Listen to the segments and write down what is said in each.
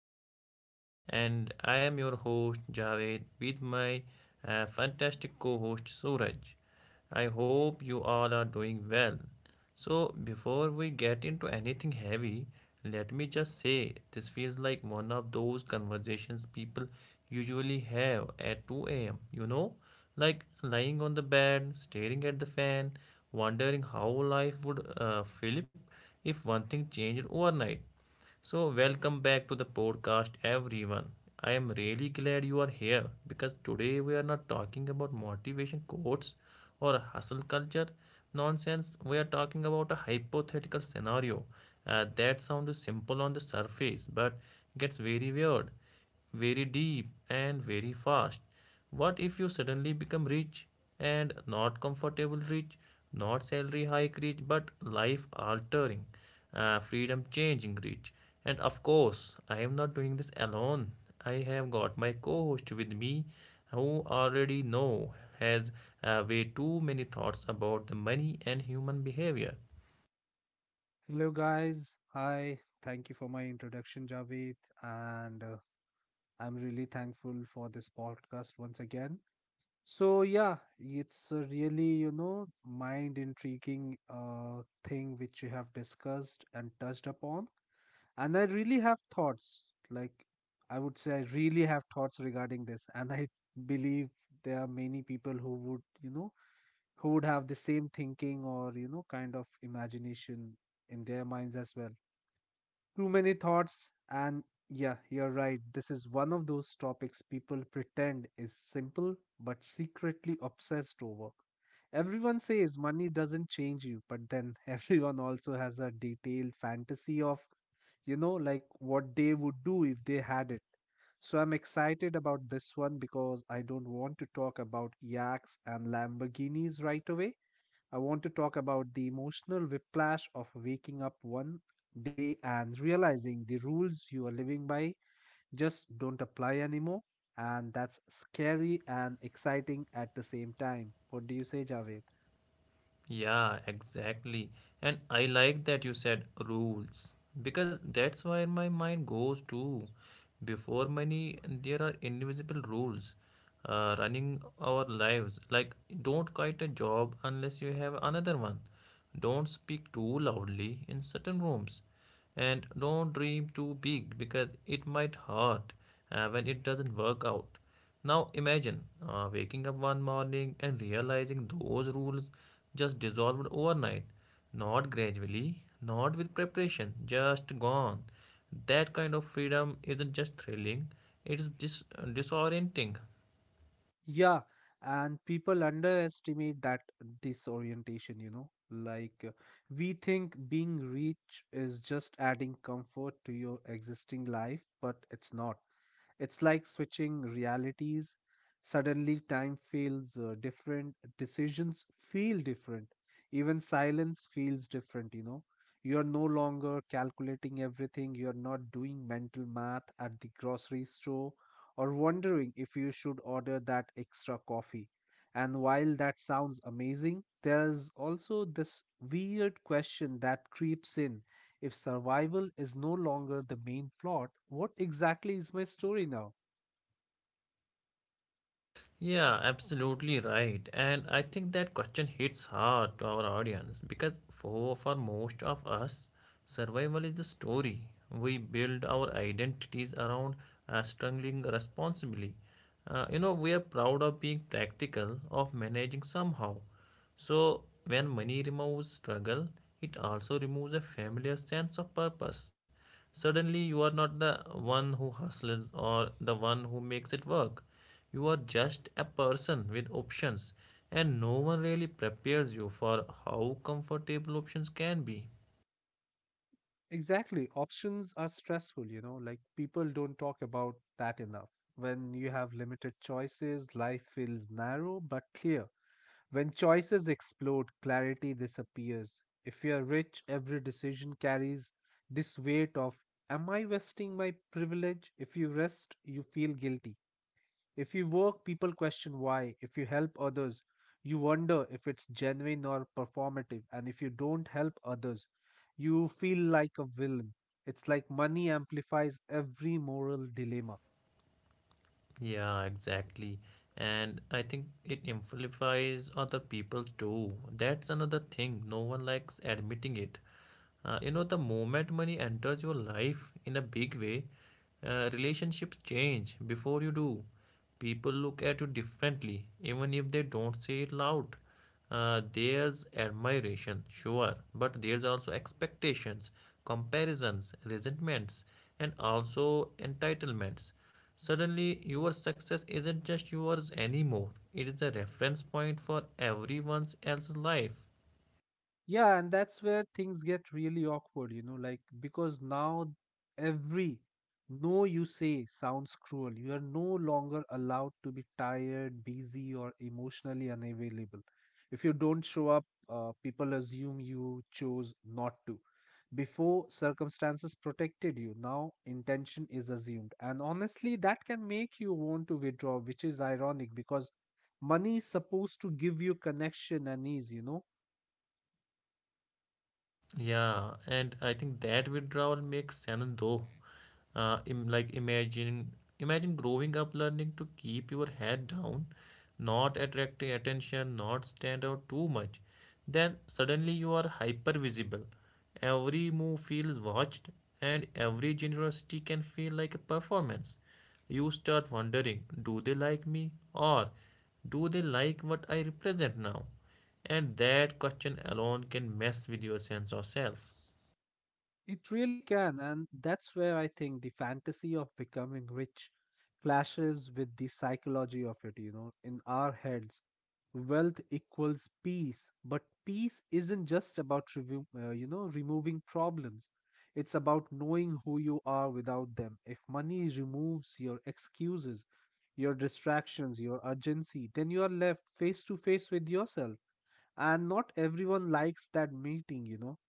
podcast. And I am your host Javed with my fantastic co host Suraj. I hope you all are doing well. So, before we get into anything heavy, let me just say this feels like one of those conversations people usually have at 2 a.m. You know, like lying on the bed, staring at the fan, wondering how life would flip if one thing changed overnight. So, welcome back to the podcast, everyone. I am really glad you are here because today we are not talking about motivation quotes or hustle culture nonsense. We are talking about a hypothetical scenario that sounds simple on the surface but gets very weird very deep and very fast. What if you suddenly become rich and not comfortable rich, not salary hike rich, but life altering, freedom changing rich? And of course, I am not doing this alone. I have got my co host with me who already know has way too many thoughts about the money and human behavior. Hello, guys. Hi. Thank you for my introduction, Javed. And I'm really thankful for this podcast once again. So, yeah, it's a really, mind intriguing thing which you have discussed and touched upon. And I really have thoughts. Like, I would say I really have thoughts regarding this. And I believe there are many people who would, who would have the same thinking or, kind of imagination in their minds as well. Too many thoughts, and yeah, you're right. This is one of those topics people pretend is simple but secretly obsessed over. Everyone says money doesn't change you, but then everyone also has a detailed fantasy of, like what they would do if they had it. So I'm excited about this one because I don't want to talk about yaks and Lamborghinis right away. I want to talk about the emotional whiplash of waking up one day and realizing the rules you are living by just don't apply anymore. And that's scary and exciting at the same time. What do you say, Javed? Yeah, exactly. And I like that you said rules because that's where my mind goes to. Before money, there are invisible rules running our lives. Like, don't quit a job unless you have another one. Don't speak too loudly in certain rooms and don't dream too big because it might hurt when it doesn't work out. Now imagine waking up one morning and realizing those rules just dissolved overnight, not gradually, not with preparation, just gone. That kind of freedom isn't just thrilling, it is disorienting. Yeah, and people underestimate that disorientation, you know. We think being rich is just adding comfort to your existing life, but it's not. It's like switching realities. Suddenly, time feels different, decisions feel different, even silence feels different, you know. You're no longer calculating everything, you're not doing mental math at the grocery store or wondering if you should order that extra coffee. And while that sounds amazing, there's also this weird question that creeps in: if survival is no longer the main plot, what exactly is my story now? Yeah, absolutely right. And I think that question hits hard to our audience because for most of us, survival is the story. We build our identities around struggling responsibly. You know, we are proud of being practical, of managing somehow. So, when money removes struggle, it also removes a familiar sense of purpose. Suddenly, you are not the one who hustles or the one who makes it work. You are just a person with options, and no one really prepares you for how comfortable options can be. Exactly. Options are stressful, like people don't talk about that enough. When you have limited choices, life feels narrow but clear. When choices explode, clarity disappears. If you are rich, every decision carries this weight of, am I wasting my privilege? If you rest, you feel guilty. If you work, people question why. If you help others, you wonder if it's genuine or performative. And if you don't help others, you feel like a villain. It's like money amplifies every moral dilemma. Yeah, exactly. And I think it amplifies other people too. That's another thing. No one likes admitting it. You know, the moment money enters your life in a big way, relationships change before you do. People look at you differently, even if they don't say it loud. There's admiration, sure, but there's also expectations, comparisons, resentments, and also entitlements. Suddenly, your success isn't just yours anymore, it is a reference point for everyone else's life. Yeah, and that's where things get really awkward, like because now every no you say sounds cruel. You are no longer allowed to be tired, busy, or emotionally unavailable. If you don't show up, people assume you chose not to. Before, circumstances protected you. Now, intention is assumed. And honestly, that can make you want to withdraw, which is ironic because money is supposed to give you connection and ease, you know. Yeah, and I think that withdrawal makes sense though. Im like imagine growing up learning to keep your head down, not attracting attention, not stand out too much. Then suddenly you are hyper visible. Every move feels watched, and every generosity can feel like a performance. You start wondering, do they like me or do they like what I represent now? And that question alone can mess with your sense of self. It really can, and that's where I think the fantasy of becoming rich clashes with the psychology of it, you know. In our heads, wealth equals peace, but peace isn't just about removing problems. It's about knowing who you are without them. If money removes your excuses, your distractions, your urgency, then you are left face to face with yourself. And not everyone likes that meeting, you know.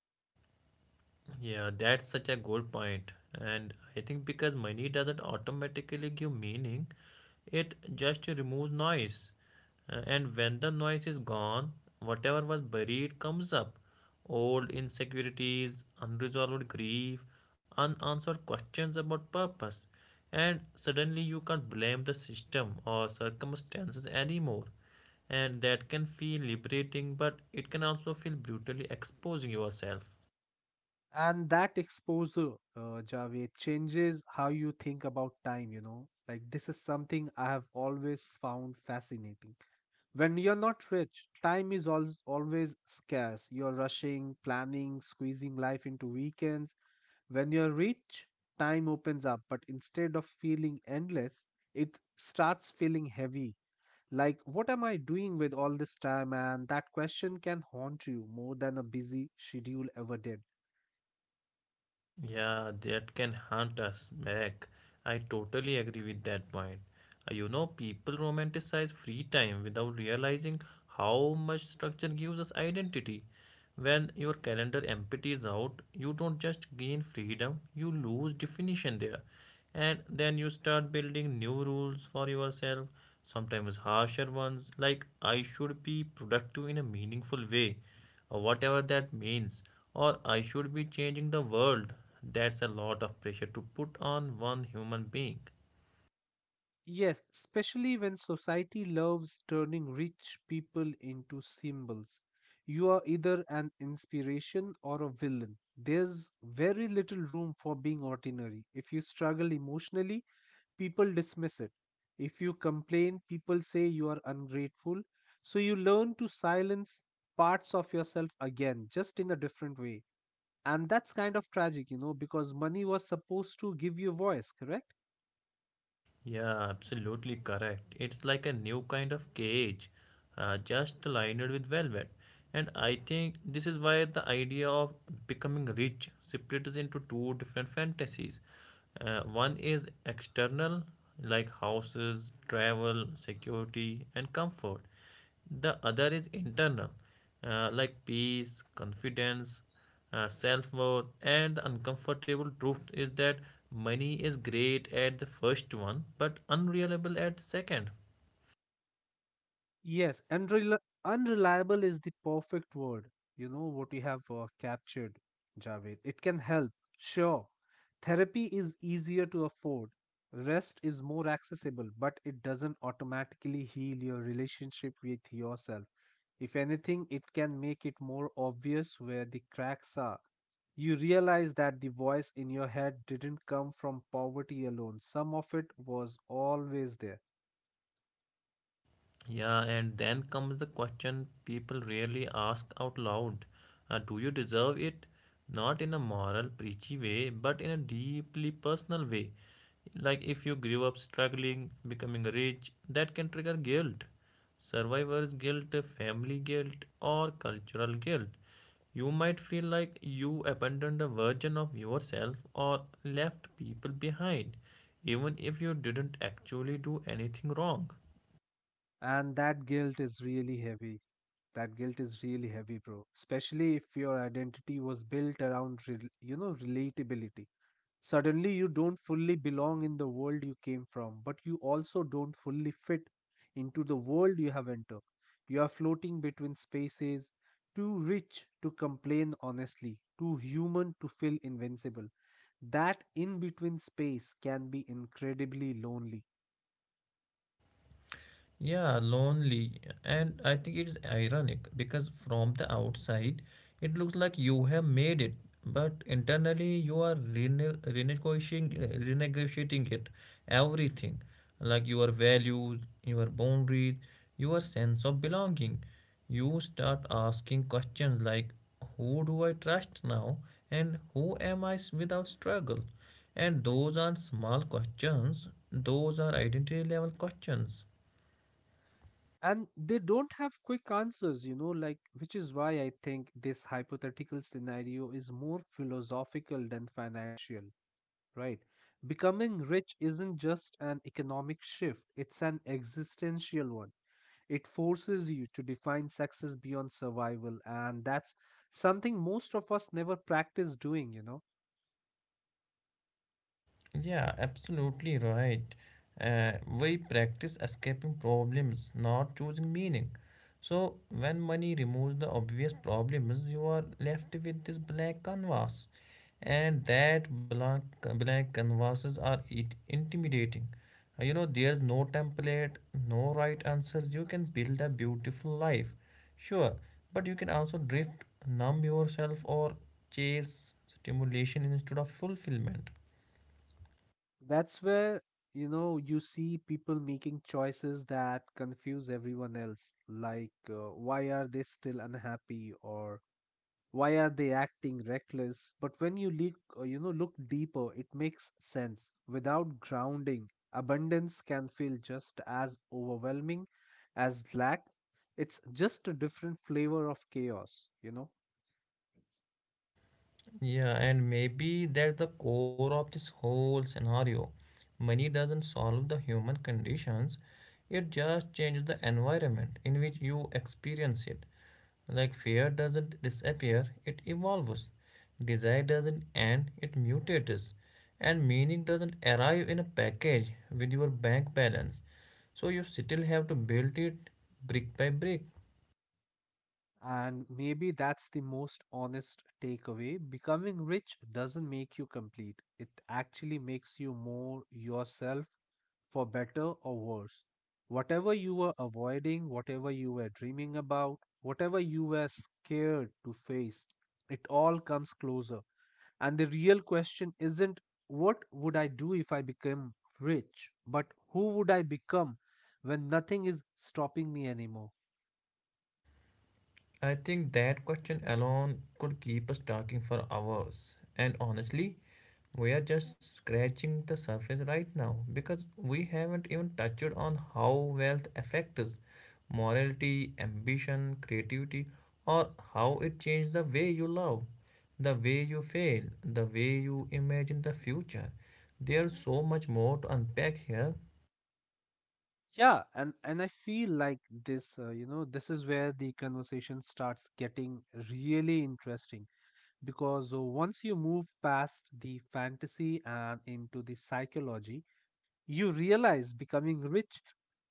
Yeah, that's such a good point. And I think because money doesn't automatically give meaning, it just removes noise. And when the noise is gone, whatever was buried comes up. Old insecurities, unresolved grief, unanswered questions about purpose. And suddenly you can't blame the system or circumstances anymore. And that can feel liberating, but it can also feel brutally exposing yourself. And that exposure Javed changes how you think about time, like this is something I have always found fascinating. When you're not rich, always scarce. You're rushing, planning, squeezing life into weekends. When you're rich, time opens up, but instead of feeling endless, it starts feeling heavy, like what am I doing with all this time? And that question can haunt you more than a busy schedule ever did. Yeah, that can haunt us back. I totally agree with that point. You know, people romanticize free time without realizing how much structure gives us identity. When your calendar empties out, you don't just gain freedom, you lose definition there. And then you start building new rules for yourself, sometimes harsher ones, like I should be productive in a meaningful way or whatever that means, or I should be changing the world. That's a lot of pressure to put on one human being. Yes, especially when society loves turning rich people into symbols. You are either an inspiration or a villain. There's very little room for being ordinary. If you struggle emotionally, people dismiss it. If you complain, people say you are ungrateful. So you learn to silence parts of yourself again, just in a different way. And that's kind of tragic, because money was supposed to give you voice, correct? Yeah, absolutely correct. It's like a new kind of cage, just lined with velvet. And I think this is why the idea of becoming rich splits into two different fantasies. One is external, like houses, travel, security, and comfort. The other is internal, like peace, confidence, self worth, and the uncomfortable truth is that money is great at the first one but unreliable at the second. Yes, unreliable is the perfect word. You know what we have captured, Javed. It can help, sure. Therapy is easier to afford, rest is more accessible, but it doesn't automatically heal your relationship with yourself. If anything, it can make it more obvious where the cracks are. You realize that the voice in your head didn't come from poverty alone, some of it was always there, Yeah, and then comes the question people rarely ask out loud. Do you deserve it? Not in a moral, preachy way, but in a deeply personal way. Like if you grew up struggling, becoming rich, that can trigger guilt. Survivor's guilt, family guilt, or cultural guilt. You might feel like you abandoned a version of yourself or left people behind, even if you didn't actually do anything wrong. and that guilt is really heavy. That guilt is really heavy, bro. Especially if your identity was built around, rel relatability. Suddenly, you don't fully belong in the world you came from, but you also don't fully fit into the world you have entered. You are floating between spaces, too rich to complain honestly, too human to feel invincible. That in between space can be incredibly lonely. Yeah, lonely. And I think it's ironic because from the outside, it looks like you have made it, but internally, you are renegotiating it. Everything like your values, your boundaries, your sense of belonging. You start asking questions like, who do I trust now? And who am I without struggle? And those aren't small questions, those are identity level questions. And they don't have quick answers, like, which is why I think this hypothetical scenario is more philosophical than financial, right? Becoming rich isn't just an economic shift, it's an existential one. It forces you to define success beyond survival, and that's something most of us never practice doing, you know. Yeah, absolutely right. Uh, we practice escaping problems, not choosing meaning. So, when money removes the obvious problems, you are left with this black canvas. And that black canvases are it intimidating. You know, there's no template, no right answers. You can build a beautiful life, sure, but you can also drift, numb yourself, or chase stimulation instead of fulfillment. That's where, you see people making choices that confuse everyone else, like why are they still unhappy, or why are they acting reckless? But when you look, look deeper, it makes sense. Without grounding, abundance can feel just as overwhelming as lack. It's just a different flavor of chaos, you know. Yeah, and maybe that's the core of this whole scenario. Money doesn't solve the human conditions, it just changes the environment in which you experience it. Like fear doesn't disappear, it evolves. Desire doesn't end, it mutates. And meaning doesn't arrive in a package with your bank balance. So you still have to build it brick by brick. And maybe that's the most honest takeaway. Becoming rich doesn't make you complete, it actually makes you more yourself, for better or worse. Whatever you were avoiding, whatever you were dreaming about, whatever you were scared to face, it all comes closer. And the real question isn't what would I do if I became rich, but who would I become when nothing is stopping me anymore? I think that question alone could keep us talking for hours. And honestly, we are just scratching the surface right now because we haven't even touched on how wealth affects morality, ambition, creativity, or how it changes the way you love, the way you fail, the way you imagine the future. There's so much more to unpack here. Yeah, and I feel like this is where the conversation starts getting really interesting, because once you move past the fantasy and into the psychology, you realize becoming rich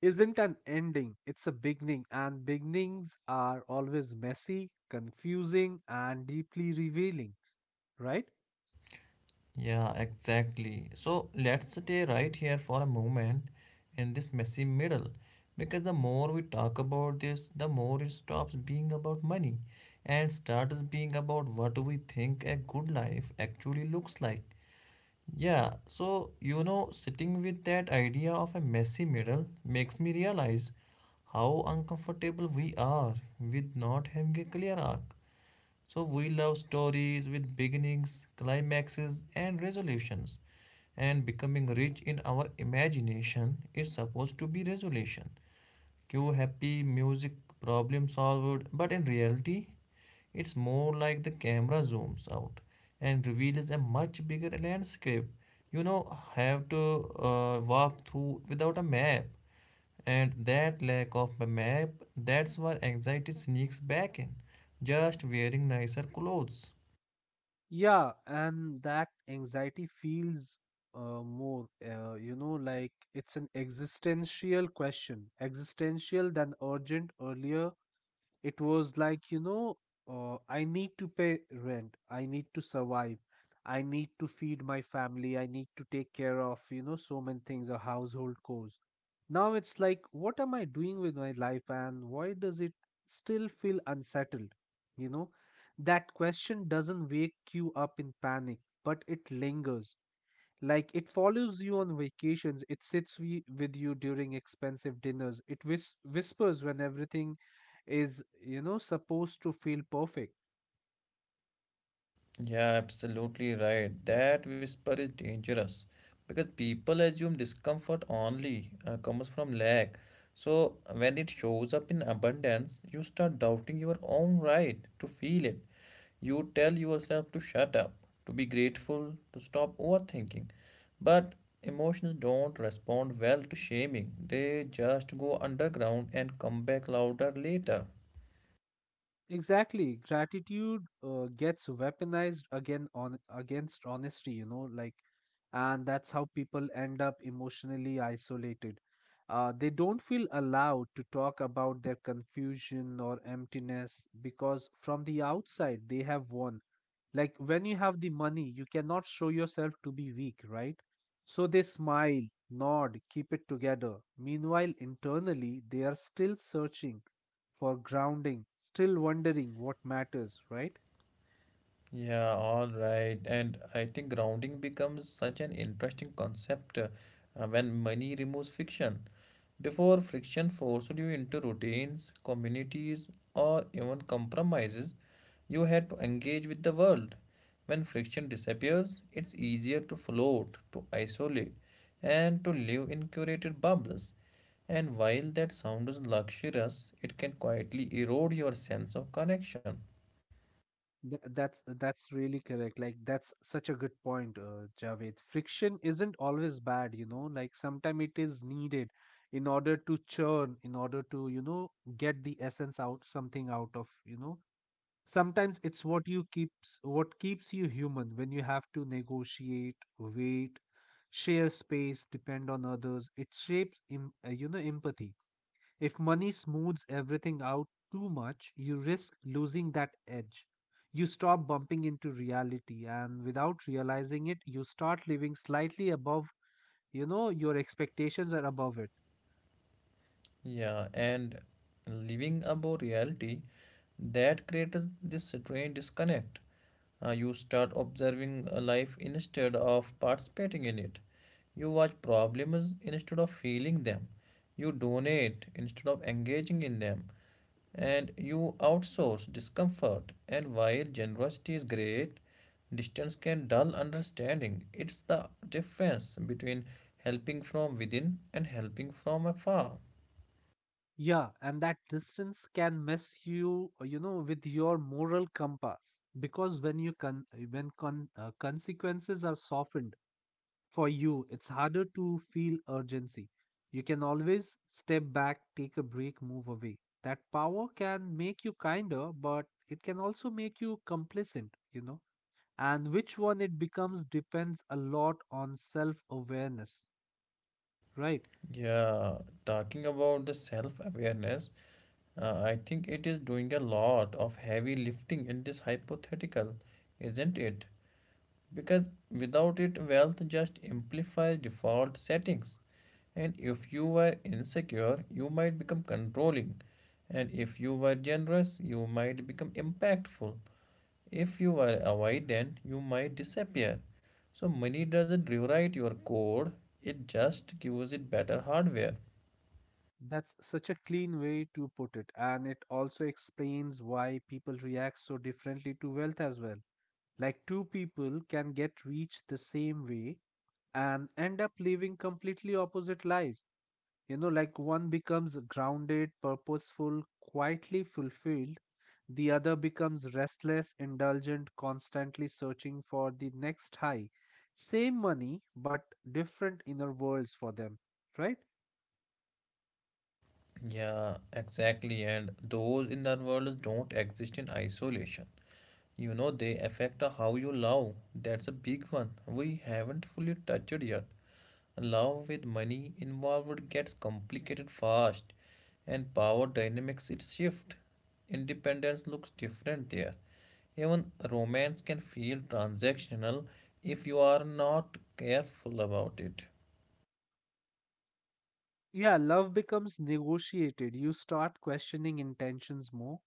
isn't an ending, it's a beginning, and beginnings are always messy, confusing, and deeply revealing, right? Yeah, exactly. So let's stay right here for a moment in this messy middle because the more we talk about this, the more it stops being about money and starts being about what we think a good life actually looks like. Yeah, so you know, sitting with that idea of a messy middle makes me realize how uncomfortable we are with not having a clear arc. So we love stories with beginnings, climaxes, and resolutions. And becoming rich in our imagination is supposed to be resolution. Cue happy music, problem solved, but in reality, it's more like the camera zooms out and reveals a much bigger landscape. You know, have to walk through without a map, and that lack of a map, that's why anxiety sneaks back in, just wearing nicer clothes. Yeah, and that anxiety feels like it's an existential question, existential than urgent. Earlier it was like, I need to pay rent, I need to survive, I need to feed my family, I need to take care of, so many things or household chores. Now it's like, what am I doing with my life and why does it still feel unsettled, you know? That question doesn't wake you up in panic, but it lingers. Like, it follows you on vacations, it sits with you during expensive dinners, it whispers when everything is, you know, supposed to feel perfect. Yeah, absolutely right. That whisper is dangerous because people assume discomfort only comes from lack. So when it shows up in abundance, you start doubting your own right to feel it. You tell yourself to shut up, to be grateful, to stop overthinking. But emotions don't respond well to shaming. They just go underground and come back louder later. Exactly. Gratitude gets weaponized again on against honesty, like. And that's how people end up emotionally isolated. They don't feel allowed to talk about their confusion or emptiness because from the outside they have won. Like, when you have the money, you cannot show yourself to be weak, right? So they smile, nod, keep it together. Meanwhile, internally, they are still searching for grounding, still wondering what matters, right? Yeah, all right. And I think grounding becomes such an interesting concept when money removes friction. Before, friction forced you into routines, communities, or even compromises. You had to engage with the world. When friction disappears, it's easier to float, to isolate, and to live in curated bubbles. And while that sounds luxurious, it can quietly erode your sense of connection. That's that's really correct. Like, that's such a good point, Javed. Friction isn't always bad, you know. Like, sometimes it is needed in order to churn, in order to, get the essence out, something out of, you know. Sometimes it's what keeps you human when you have to negotiate, wait, share space, depend on others. It shapes empathy. If money smooths everything out too much, you risk losing that edge. You stop bumping into reality, and without realizing it, you start living slightly above, you know, your expectations are above it. Yeah, and living above reality, that creates this strange disconnect. You start observing life instead of participating in it. You watch problems instead of feeling them. You donate instead of engaging in them. And you outsource discomfort. And while generosity is great, distance can dull understanding. It's the difference between helping from within and helping from afar. Yeah, and that distance can mess you, with your moral compass, because when you con when con consequences are softened for you, it's harder to feel urgency. You can always step back, take a break, move away. That power can make you kinder, but it can also make you complacent, you know. And which one it becomes depends a lot on self-awareness, right? Yeah, talking about the self-awareness, I think it is doing a lot of heavy lifting in this hypothetical, isn't it? Because without it, wealth just amplifies default settings. And if you were insecure, you might become controlling. And if you were generous, you might become impactful. If you were avoidant, you might disappear. So money doesn't rewrite your code, it just gives it better hardware. That's such a clean way to put it, and it also explains why people react so differently to wealth as well. Like, two people can get rich the same way and end up living completely opposite lives. You know, like one becomes grounded, purposeful, quietly fulfilled, the other becomes restless, indulgent, constantly searching for the next high. Same money, but different inner worlds for them, right? Yeah, exactly. And those in the world don't exist in isolation. You know, they affect how you love. That's a big one. We haven't fully touched yet. Love with money involved gets complicated fast, and power dynamics it shift. Independence looks different there. Even romance can feel transactional if you are not careful about it. Yeah, love becomes negotiated. You start questioning intentions more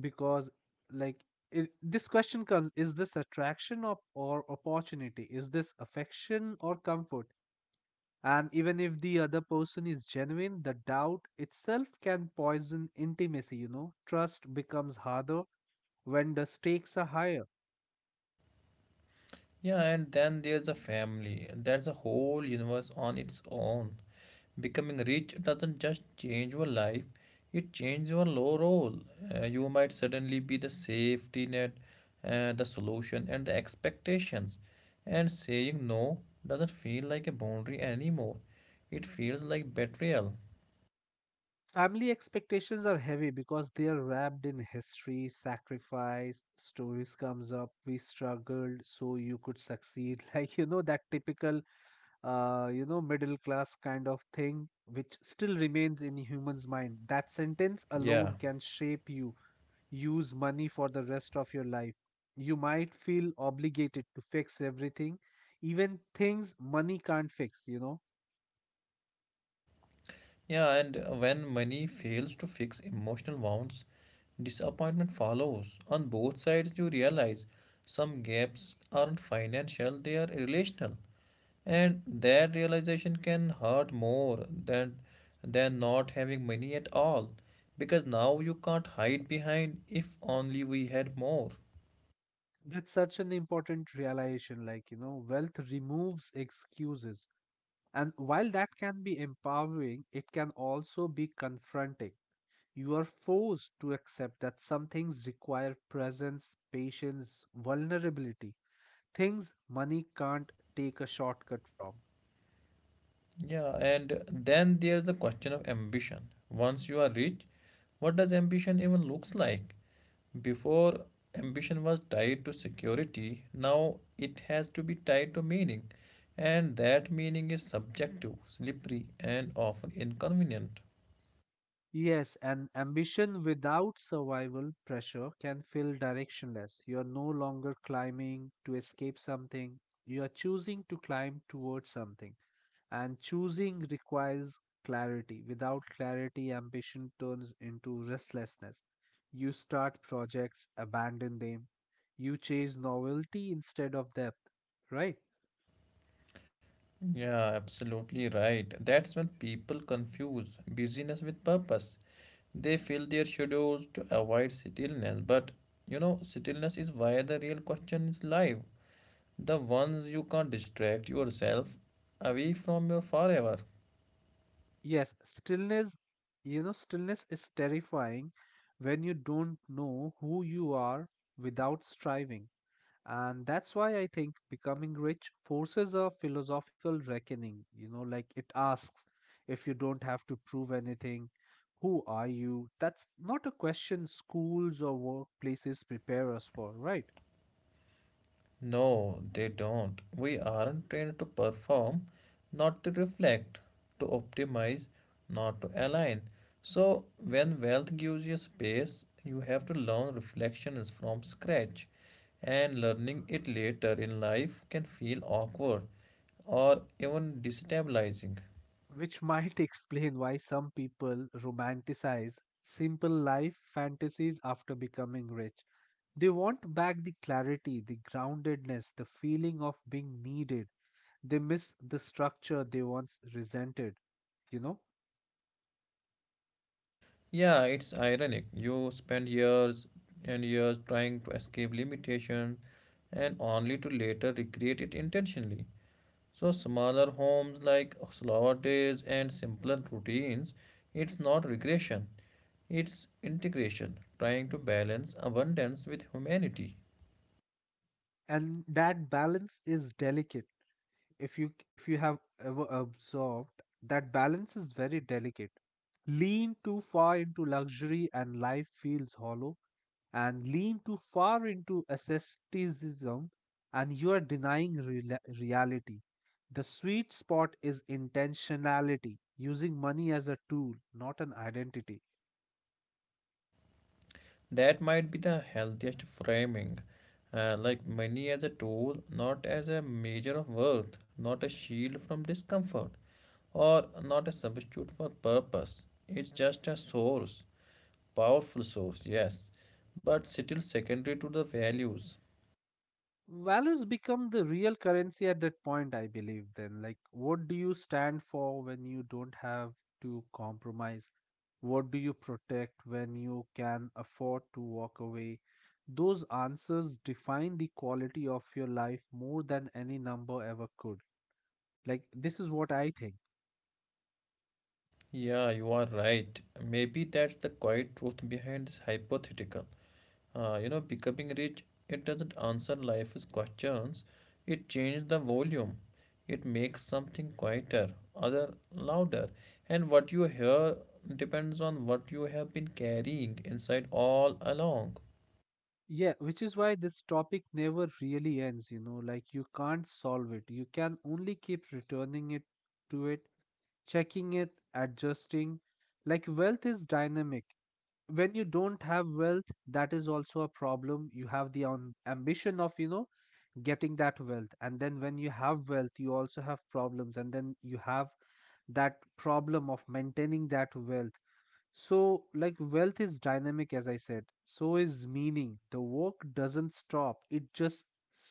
because, like, this question comes: is this attraction, or opportunity? Is this affection or comfort? And even if the other person is genuine, the doubt itself can poison intimacy, you know. Trust becomes harder when the stakes are higher. Yeah, and then there's a family. That's a whole universe on its own. Becoming rich doesn't just change your life, it changes your low role. You might suddenly be the safety net, the solution, and the expectations. And saying no doesn't feel like a boundary anymore, it feels like betrayal. Family expectations are heavy because they are wrapped in history, sacrifice, stories comes up, we struggled so you could succeed. Like you know that typical middle class kind of thing which still remains in humans' mind. That sentence alone Yeah. can shape you. Use money for the rest of your life. You might feel obligated to fix everything, even things money can't fix, you know. Yeah, and when money fails to fix emotional wounds, disappointment follows. On both sides, you realize some gaps aren't financial, they are relational. And that realization can hurt more than not having money at all. Because now you can't hide behind if only we had more. That's such an important realization. Like, you know, wealth removes excuses. And while that can be empowering, it can also be confronting. You are forced to accept that some things require presence, patience, vulnerability, things money can't take a shortcut from. Yeah, and then there's the question of ambition. Once you are rich, what does ambition even looks like? Before ambition was tied to security, now it has to be tied to meaning. And that meaning is subjective, slippery, and often inconvenient. Yes, and ambition without survival pressure can feel directionless. You're no longer climbing to escape something, you are choosing to climb towards something. And choosing requires clarity. Without clarity, ambition turns into restlessness. You start projects, abandon them. You chase novelty instead of depth, right? Yeah, absolutely right. That's when people confuse busyness with purpose. They fill their schedules to avoid stillness, but stillness is where the real question is live. The ones you can't distract yourself away from your forever. Yes, stillness, you know, stillness is terrifying when you don't know who you are without striving. And that's why I think becoming rich forces a philosophical reckoning. You know, like it asks, if you don't have to prove anything, who are you? That's not a question schools or workplaces prepare us for, right? No, they don't. We aren't trained to perform, not to reflect, to optimize, not to align. So, when wealth gives you space, you have to learn reflections from scratch. And learning it later in life can feel awkward or even destabilizing. Which might explain why some people romanticize simple life fantasies after becoming rich. They want back the clarity, the groundedness, the feeling of being needed. They miss the structure they once resented, you know? Yeah, it's ironic. You spend years and years trying to escape limitation and only to later recreate it intentionally. So, smaller homes like slower days and simpler routines, it's not regression, it's integration, trying to balance abundance with humanity. And that balance is delicate. If you have ever observed, that balance is very delicate. Lean too far into luxury and life feels hollow, and lean too far into asceticism and you are denying rela reality. The sweet spot is intentionality, using money as a tool, not an identity. That might be the healthiest framing. Like money as a tool, not as a measure of worth, not a shield from discomfort, or not a substitute for purpose. It's just a source, powerful source, yes, but still secondary to the values. Values become the real currency at that point, I believe. Then, like, what do you stand for when you don't have to compromise? What do you protect when you can afford to walk away? Those answers define the quality of your life more than any number ever could. Like, this is what I think. Yeah, you are right. Maybe that's the quiet truth behind this hypothetical. Becoming rich, it doesn't answer life's questions. It changes the volume. It makes something quieter, other louder. And what you hear depends on what you have been carrying inside all along. Yeah, which is why this topic never really ends, you know, like, you can't solve it. You can only keep returning it to it, checking it, adjusting. Like wealth is dynamic. When you don't have wealth, that is also a problem. You have the ambition of, you know, getting that wealth. And then when you have wealth, you also have problems. And then you have that problem of maintaining that wealth. So, like, wealth is dynamic, as I said. So is meaning. The work doesn't stop, it just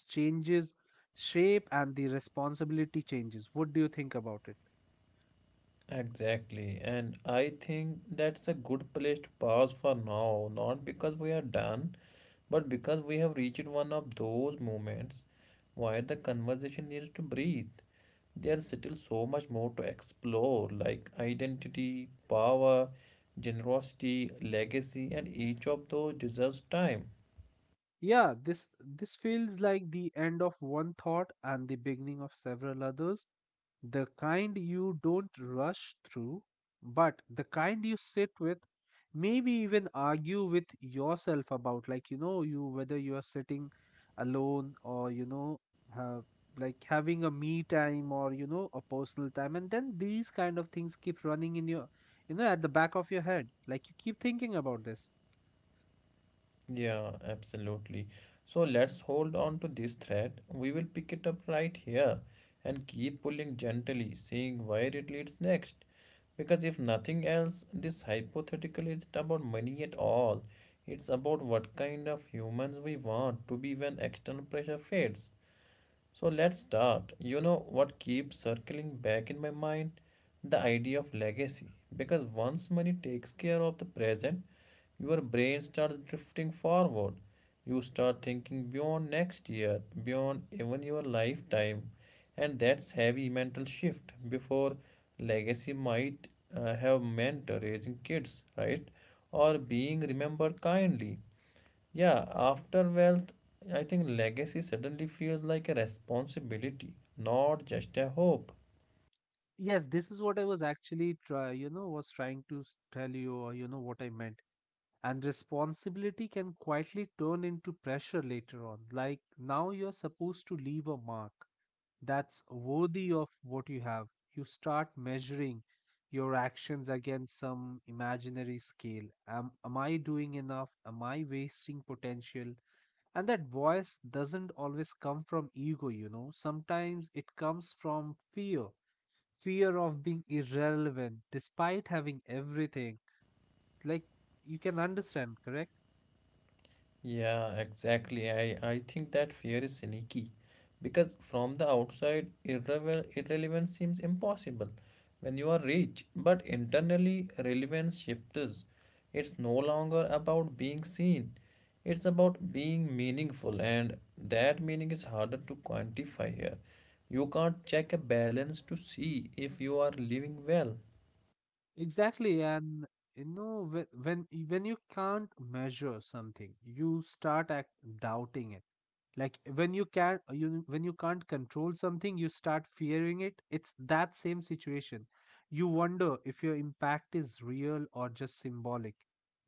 changes shape, and the responsibility changes. What do you think about it? Exactly. And I think that's a good place to pause for now, not because we are done, but because we have reached one of those moments where the conversation needs to breathe. There's still so much more to explore, like identity, power, generosity, legacy, and each of those deserves time. Yeah, this feels like the end of one thought and the beginning of several others. The kind you don't rush through, but the kind you sit with, maybe even argue with yourself about, like you know, you whether you are sitting alone, or you know, have like having a me time, or you know, a personal time, and then these kind of things keep running in your, you know, at the back of your head. Like you keep thinking about this. Yeah, absolutely. So let's hold on to this thread. We will pick it up right here and keep pulling gently, seeing where it leads next. Because if nothing else, this hypothetical isn't about money at all. It's about what kind of humans we want to be when external pressure fades. So let's start. You know what keeps circling back in my mind? The idea of legacy. Because once money takes care of the present, your brain starts drifting forward. You start thinking beyond next year, beyond even your lifetime. And that's heavy mental shift. Before legacy might have meant raising kids, right? Or being remembered kindly. Yeah, after wealth, I think legacy suddenly feels like a responsibility, not just a hope. Yes, this is what I was actually you know, was trying to tell you, or you know, what I meant. And responsibility can quietly turn into pressure later on. Like now you're supposed to leave a mark that's worthy of what you have. You start measuring your actions against some imaginary scale. Am I doing enough? Am I wasting potential? And that voice doesn't always come from ego, you know. Sometimes it comes from fear, fear of being irrelevant despite having everything. Like you can understand, correct? Yeah, exactly. I think that fear is sneaky because from the outside, irrelevance seems impossible when you are rich, but internally, relevance shifts. It's no longer about being seen, it's about being meaningful, and that meaning is harder to quantify here. You can't check a balance to see if you are living well. Exactly, and you know when when you can't measure something, you start doubting it. Like when you can you when you can't control something, you start fearing it. It's that same situation. You wonder if your impact is real or just symbolic.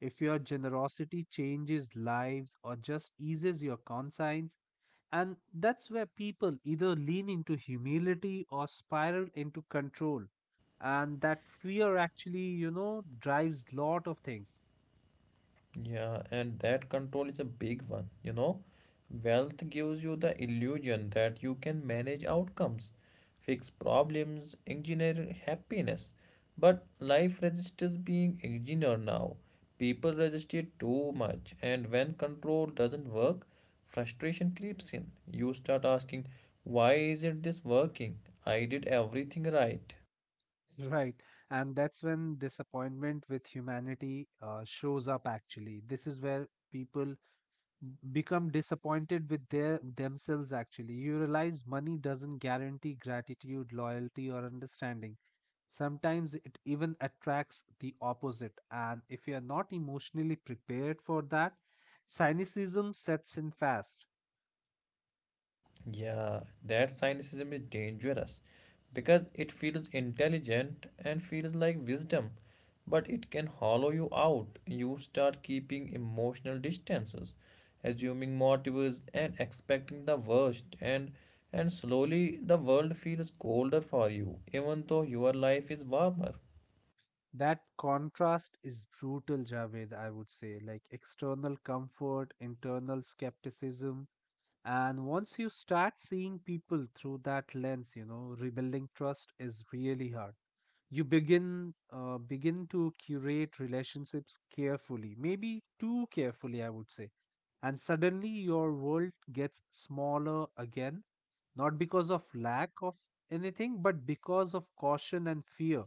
If your generosity changes lives or just eases your conscience. And that's where people either lean into humility or spiral into control. And that fear actually, you know, drives lot of things. Yeah, and that control is a big one, you know. Wealth gives you the illusion that you can manage outcomes, fix problems, engineer happiness. But life resists being engineered now. People resist it too much, and when control doesn't work, frustration creeps in. You start asking, why is it this working? I did everything right. Right. And that's when disappointment with humanity shows up actually. This is where people become disappointed with their themselves actually. You realize money doesn't guarantee gratitude, loyalty, or understanding. Sometimes it even attracts the opposite, and if you are not emotionally prepared for that, cynicism sets in fast. Yeah, that cynicism is dangerous because it feels intelligent and feels like wisdom, but it can hollow you out. You start keeping emotional distances, assuming motives and expecting the worst, and slowly the world feels colder for you, even though your life is warmer. That contrast is brutal, Javed, I would say, like external comfort, internal skepticism. And once you start seeing people through that lens, you know, rebuilding trust is really hard. You begin begin to curate relationships carefully, maybe too carefully I would say. And suddenly your world gets smaller again, not because of lack of anything, but because of caution and fear.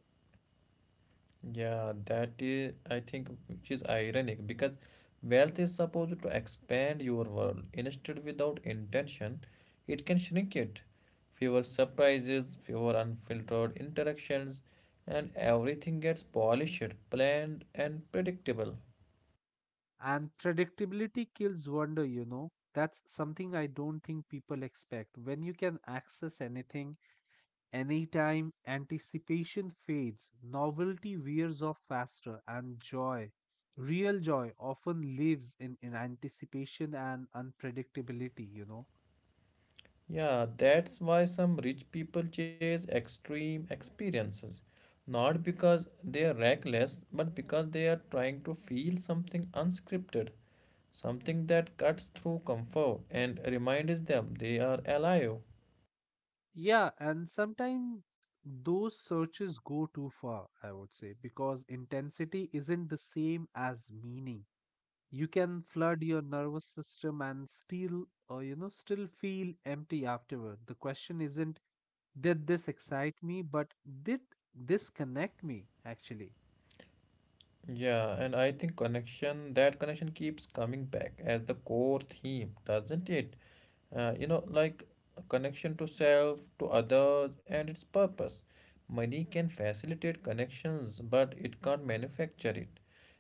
Yeah, that is, I think, which is ironic because wealth is supposed to expand your world. Instead, without intention, it can shrink it. Fewer surprises, fewer unfiltered interactions, and everything gets polished, planned, and predictable. And predictability kills wonder, you know. That's something I don't think people expect. When you can access anything anytime, anticipation fades, novelty wears off faster, and joy, real joy, often lives in anticipation and unpredictability, you know. Yeah, that's why some rich people chase extreme experiences. Not because they are reckless, but because they are trying to feel something unscripted. Something that cuts through comfort and reminds them they are alive. Yeah, and sometimes those searches go too far, I would say, because intensity isn't the same as meaning. You can flood your nervous system and still, you know, still feel empty afterward. The question isn't, did this excite me? But did this connect me actually? Yeah, and I think connection, that connection keeps coming back as the core theme, doesn't it? Like a connection to self, to others, and its purpose. Money can facilitate connections, but it can't manufacture it.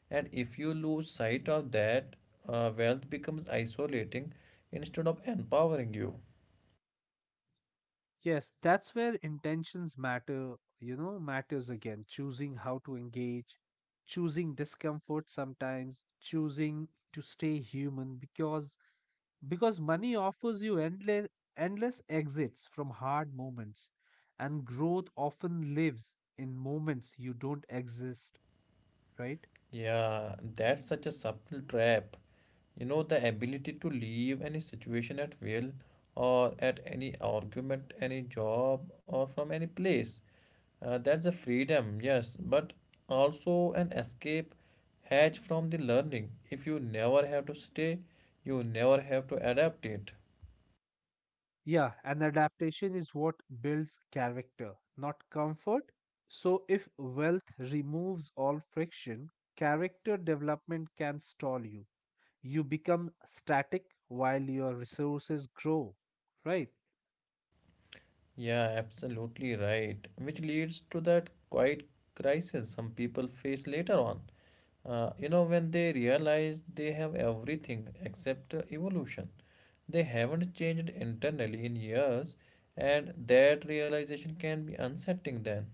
And if you lose sight of that, wealth becomes isolating instead of empowering you. Yes, that's where intentions matter, you know, matters again. Choosing how to engage, choosing discomfort sometimes, choosing to stay human, because money offers you endless, endless exits from hard moments, and growth often lives in moments you don't exist, right? Yeah, that's such a subtle trap. You know, the ability to leave any situation at will or at any argument, any job, or from any place. That's a freedom, yes, but also an escape hatch from the learning. If you never have to stay, you never have to adapt it. Yeah, and adaptation is what builds character, not comfort. So, if wealth removes all friction, character development can stall you. You become static while your resources grow, right? Yeah, absolutely right. Which leads to that quiet crisis some people face later on. You know, when they realize they have everything except evolution. They haven't changed internally in years, and that realization can be unsettling then.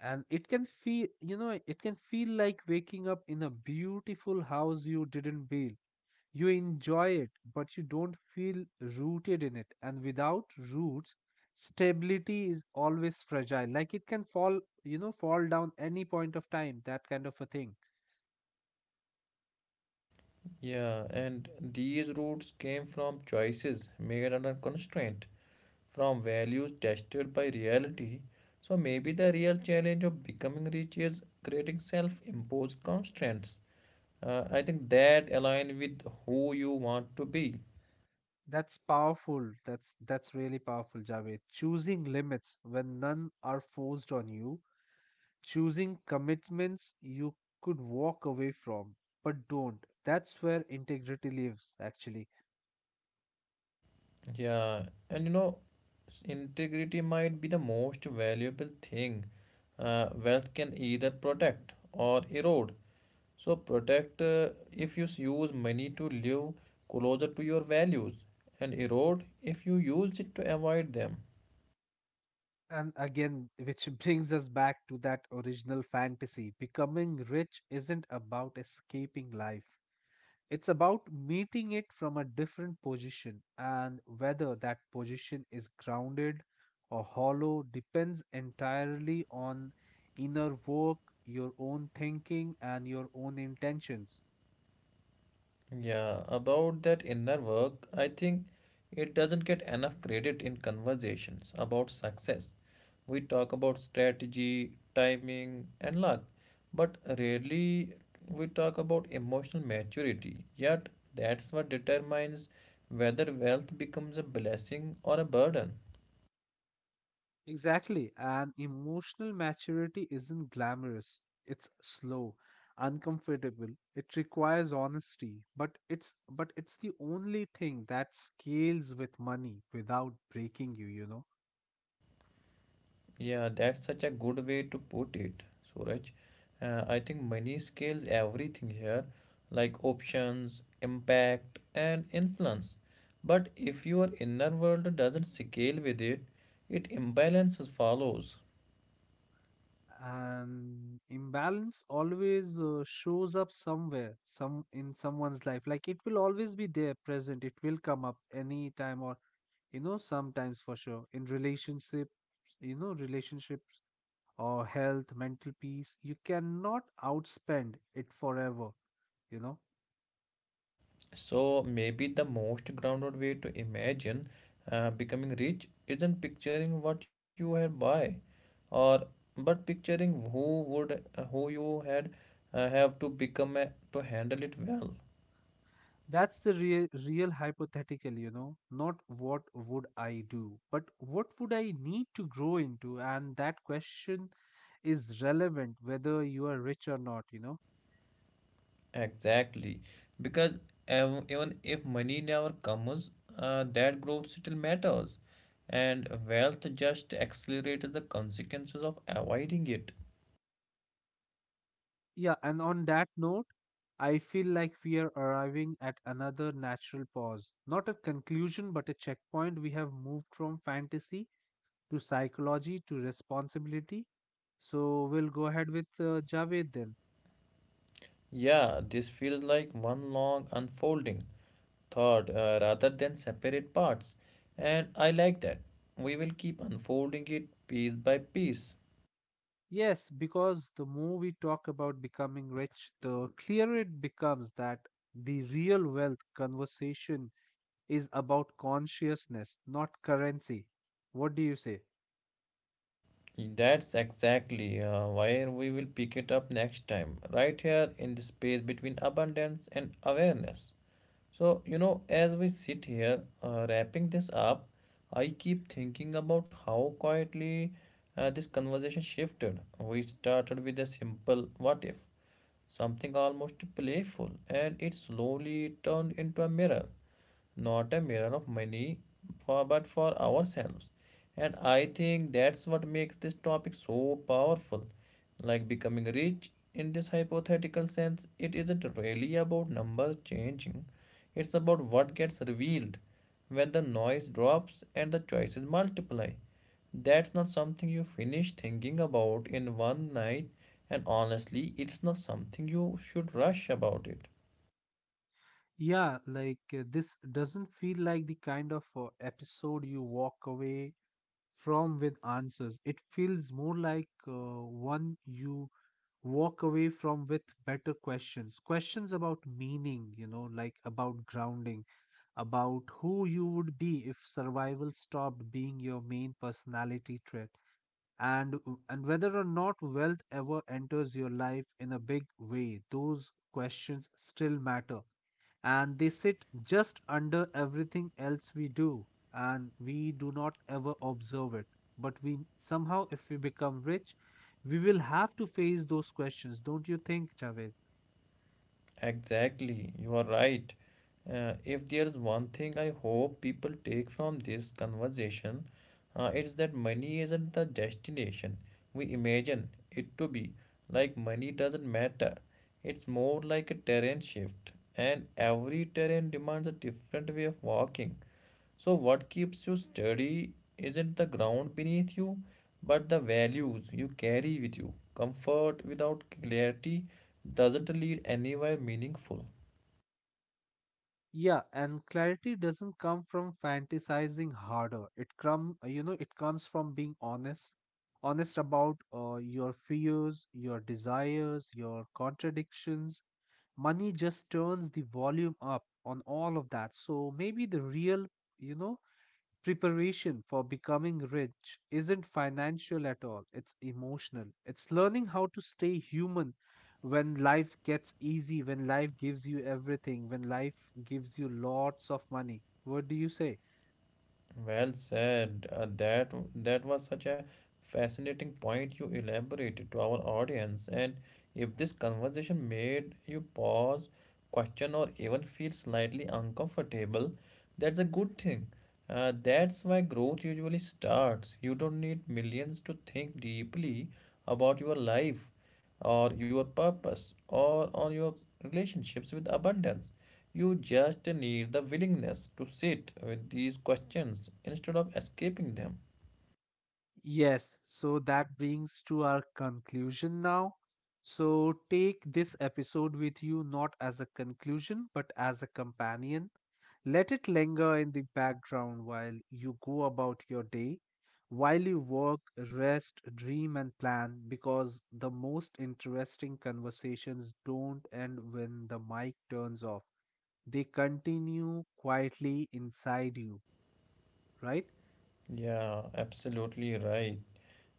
And it can feel, you know, it can feel like waking up in a beautiful house you didn't build. You enjoy it, but you don't feel rooted in it. And without roots, stability is always fragile. Like it can fall, you know, fall down any point of time, that kind of a thing. Yeah, and these roots came from choices made under constraint, from values tested by reality. So maybe the real challenge of becoming rich is creating self imposed constraints. I think that align with who you want to be. That's powerful. That's really powerful, Javed. Choosing limits when none are forced on you, choosing commitments you could walk away from, but don't. That's where integrity lives, actually. Yeah, and you know, integrity might be the most valuable thing wealth can either protect or erode. So, protect if you use money to live closer to your values, and erode if you use it to avoid them. And again, which brings us back to that original fantasy. Becoming rich isn't about escaping life, it's about meeting it from a different position. And whether that position is grounded or hollow depends entirely on inner work, your own thinking, and your own intentions. Yeah, about that inner work, I think it doesn't get enough credit in conversations about success. We talk about strategy, timing, and luck, but rarely we talk about emotional maturity. Yet, that's what determines whether wealth becomes a blessing or a burden. Exactly. And emotional maturity isn't glamorous. It's slow, uncomfortable. It requires honesty, but it's the only thing that scales with money without breaking you, you know. Yeah, that's such a good way to put it, Suraj. I think money scales everything here, like options, impact, and influence. But if your inner world doesn't scale with it, it imbalances follows. And imbalance always shows up somewhere, some in someone's life. Like it will always be there, present. It will come up anytime, or you know, sometimes for sure in relationship, you know, relationships or health, mental peace. You cannot outspend it forever, you know. So maybe the most grounded way to imagine becoming rich isn't picturing what you had buy, or but picturing who you had have to become a, to handle it well. That's the real, real hypothetical, you know. Not what would I do, but what would I need to grow into? And that question is relevant whether you are rich or not, you know. Exactly, because even if money never comes, that growth still matters, and wealth just accelerates the consequences of avoiding it. Yeah, and on that note, I feel like we are arriving at another natural pause. Not a conclusion, but a checkpoint. We have moved from fantasy to psychology to responsibility. So we'll go ahead with Javed then. Yeah, this feels like one long unfolding thought rather than separate parts, and I like that. We will keep unfolding it piece by piece. Yes, because the more we talk about becoming rich, the clearer it becomes that the real wealth conversation is about consciousness, not currency. What do you say? That's exactly where we will pick it up next time, right here in the space between abundance and awareness. So, you know, as we sit here wrapping this up, I keep thinking about how quietly this conversation shifted. We started with a simple what if, something almost playful, and it slowly turned into a mirror, not a mirror of money for but for ourselves. And I think that's what makes this topic so powerful. Like becoming rich in this hypothetical sense, it isn't really about numbers changing, it's about what gets revealed when the noise drops and the choices multiply. That's not something you finish thinking about in one night, and honestly it's not something you should rush about it. Yeah, like this doesn't feel like the kind of episode you walk away from with answers. It feels more like one you walk away from with better questions, questions about meaning, you know, like about grounding, about who you would be if survival stopped being your main personality trait, and whether or not wealth ever enters your life in a big way, those questions still matter, and they sit just under everything else we do, and we do not ever observe it. But we somehow, if we become rich, we will have to face those questions, don't you think, Javed? Exactly, you are right. If there is one thing I hope people take from this conversation, it's that money isn't the destination we imagine it to be. Like money doesn't matter. It's more like a terrain shift, and every terrain demands a different way of walking. So, what keeps you steady isn't the ground beneath you, but the values you carry with you. Comfort without clarity doesn't lead anywhere meaningful. Yeah, and clarity doesn't come from fantasizing harder. It come you know, it comes from being honest, honest about your fears, your desires, your contradictions. Money just turns the volume up on all of that. So maybe the real, you know, preparation for becoming rich isn't financial at all, it's emotional. It's learning how to stay human when life gets easy, when life gives you everything, when life gives you lots of money. What do you say? Well said. That was such a fascinating point you elaborated to our audience. And if this conversation made you pause, question, or even feel slightly uncomfortable, that's a good thing. That's why growth usually starts. You don't need millions to think deeply about your life, or your purpose, or on your relationships with abundance. You just need the willingness to sit with these questions instead of escaping them. Yes, so that brings to our conclusion now. So take this episode with you, not as a conclusion but as a companion. Let it linger in the background while you go about your day, while you work, rest, dream, and plan, because the most interesting conversations don't end when the mic turns off. They continue quietly inside you, right? Yeah, absolutely right.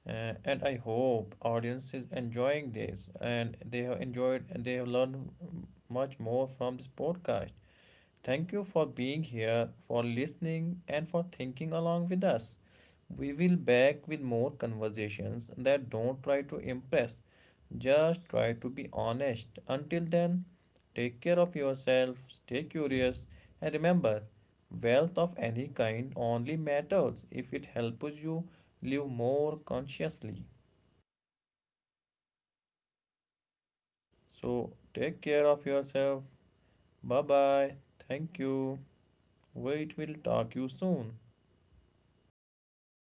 And I hope audience is enjoying this and they have enjoyed and they have learned mm, much more from this podcast. Thank you for being here, for listening and for thinking along with us. We will back with more conversations that don't try to impress. Just try to be honest. Until then, take care of yourself, stay curious, and remember wealth of any kind only matters if it helps you live more consciously. So, take care of yourself. Bye bye. Thank you. Wait, we'll talk you soon.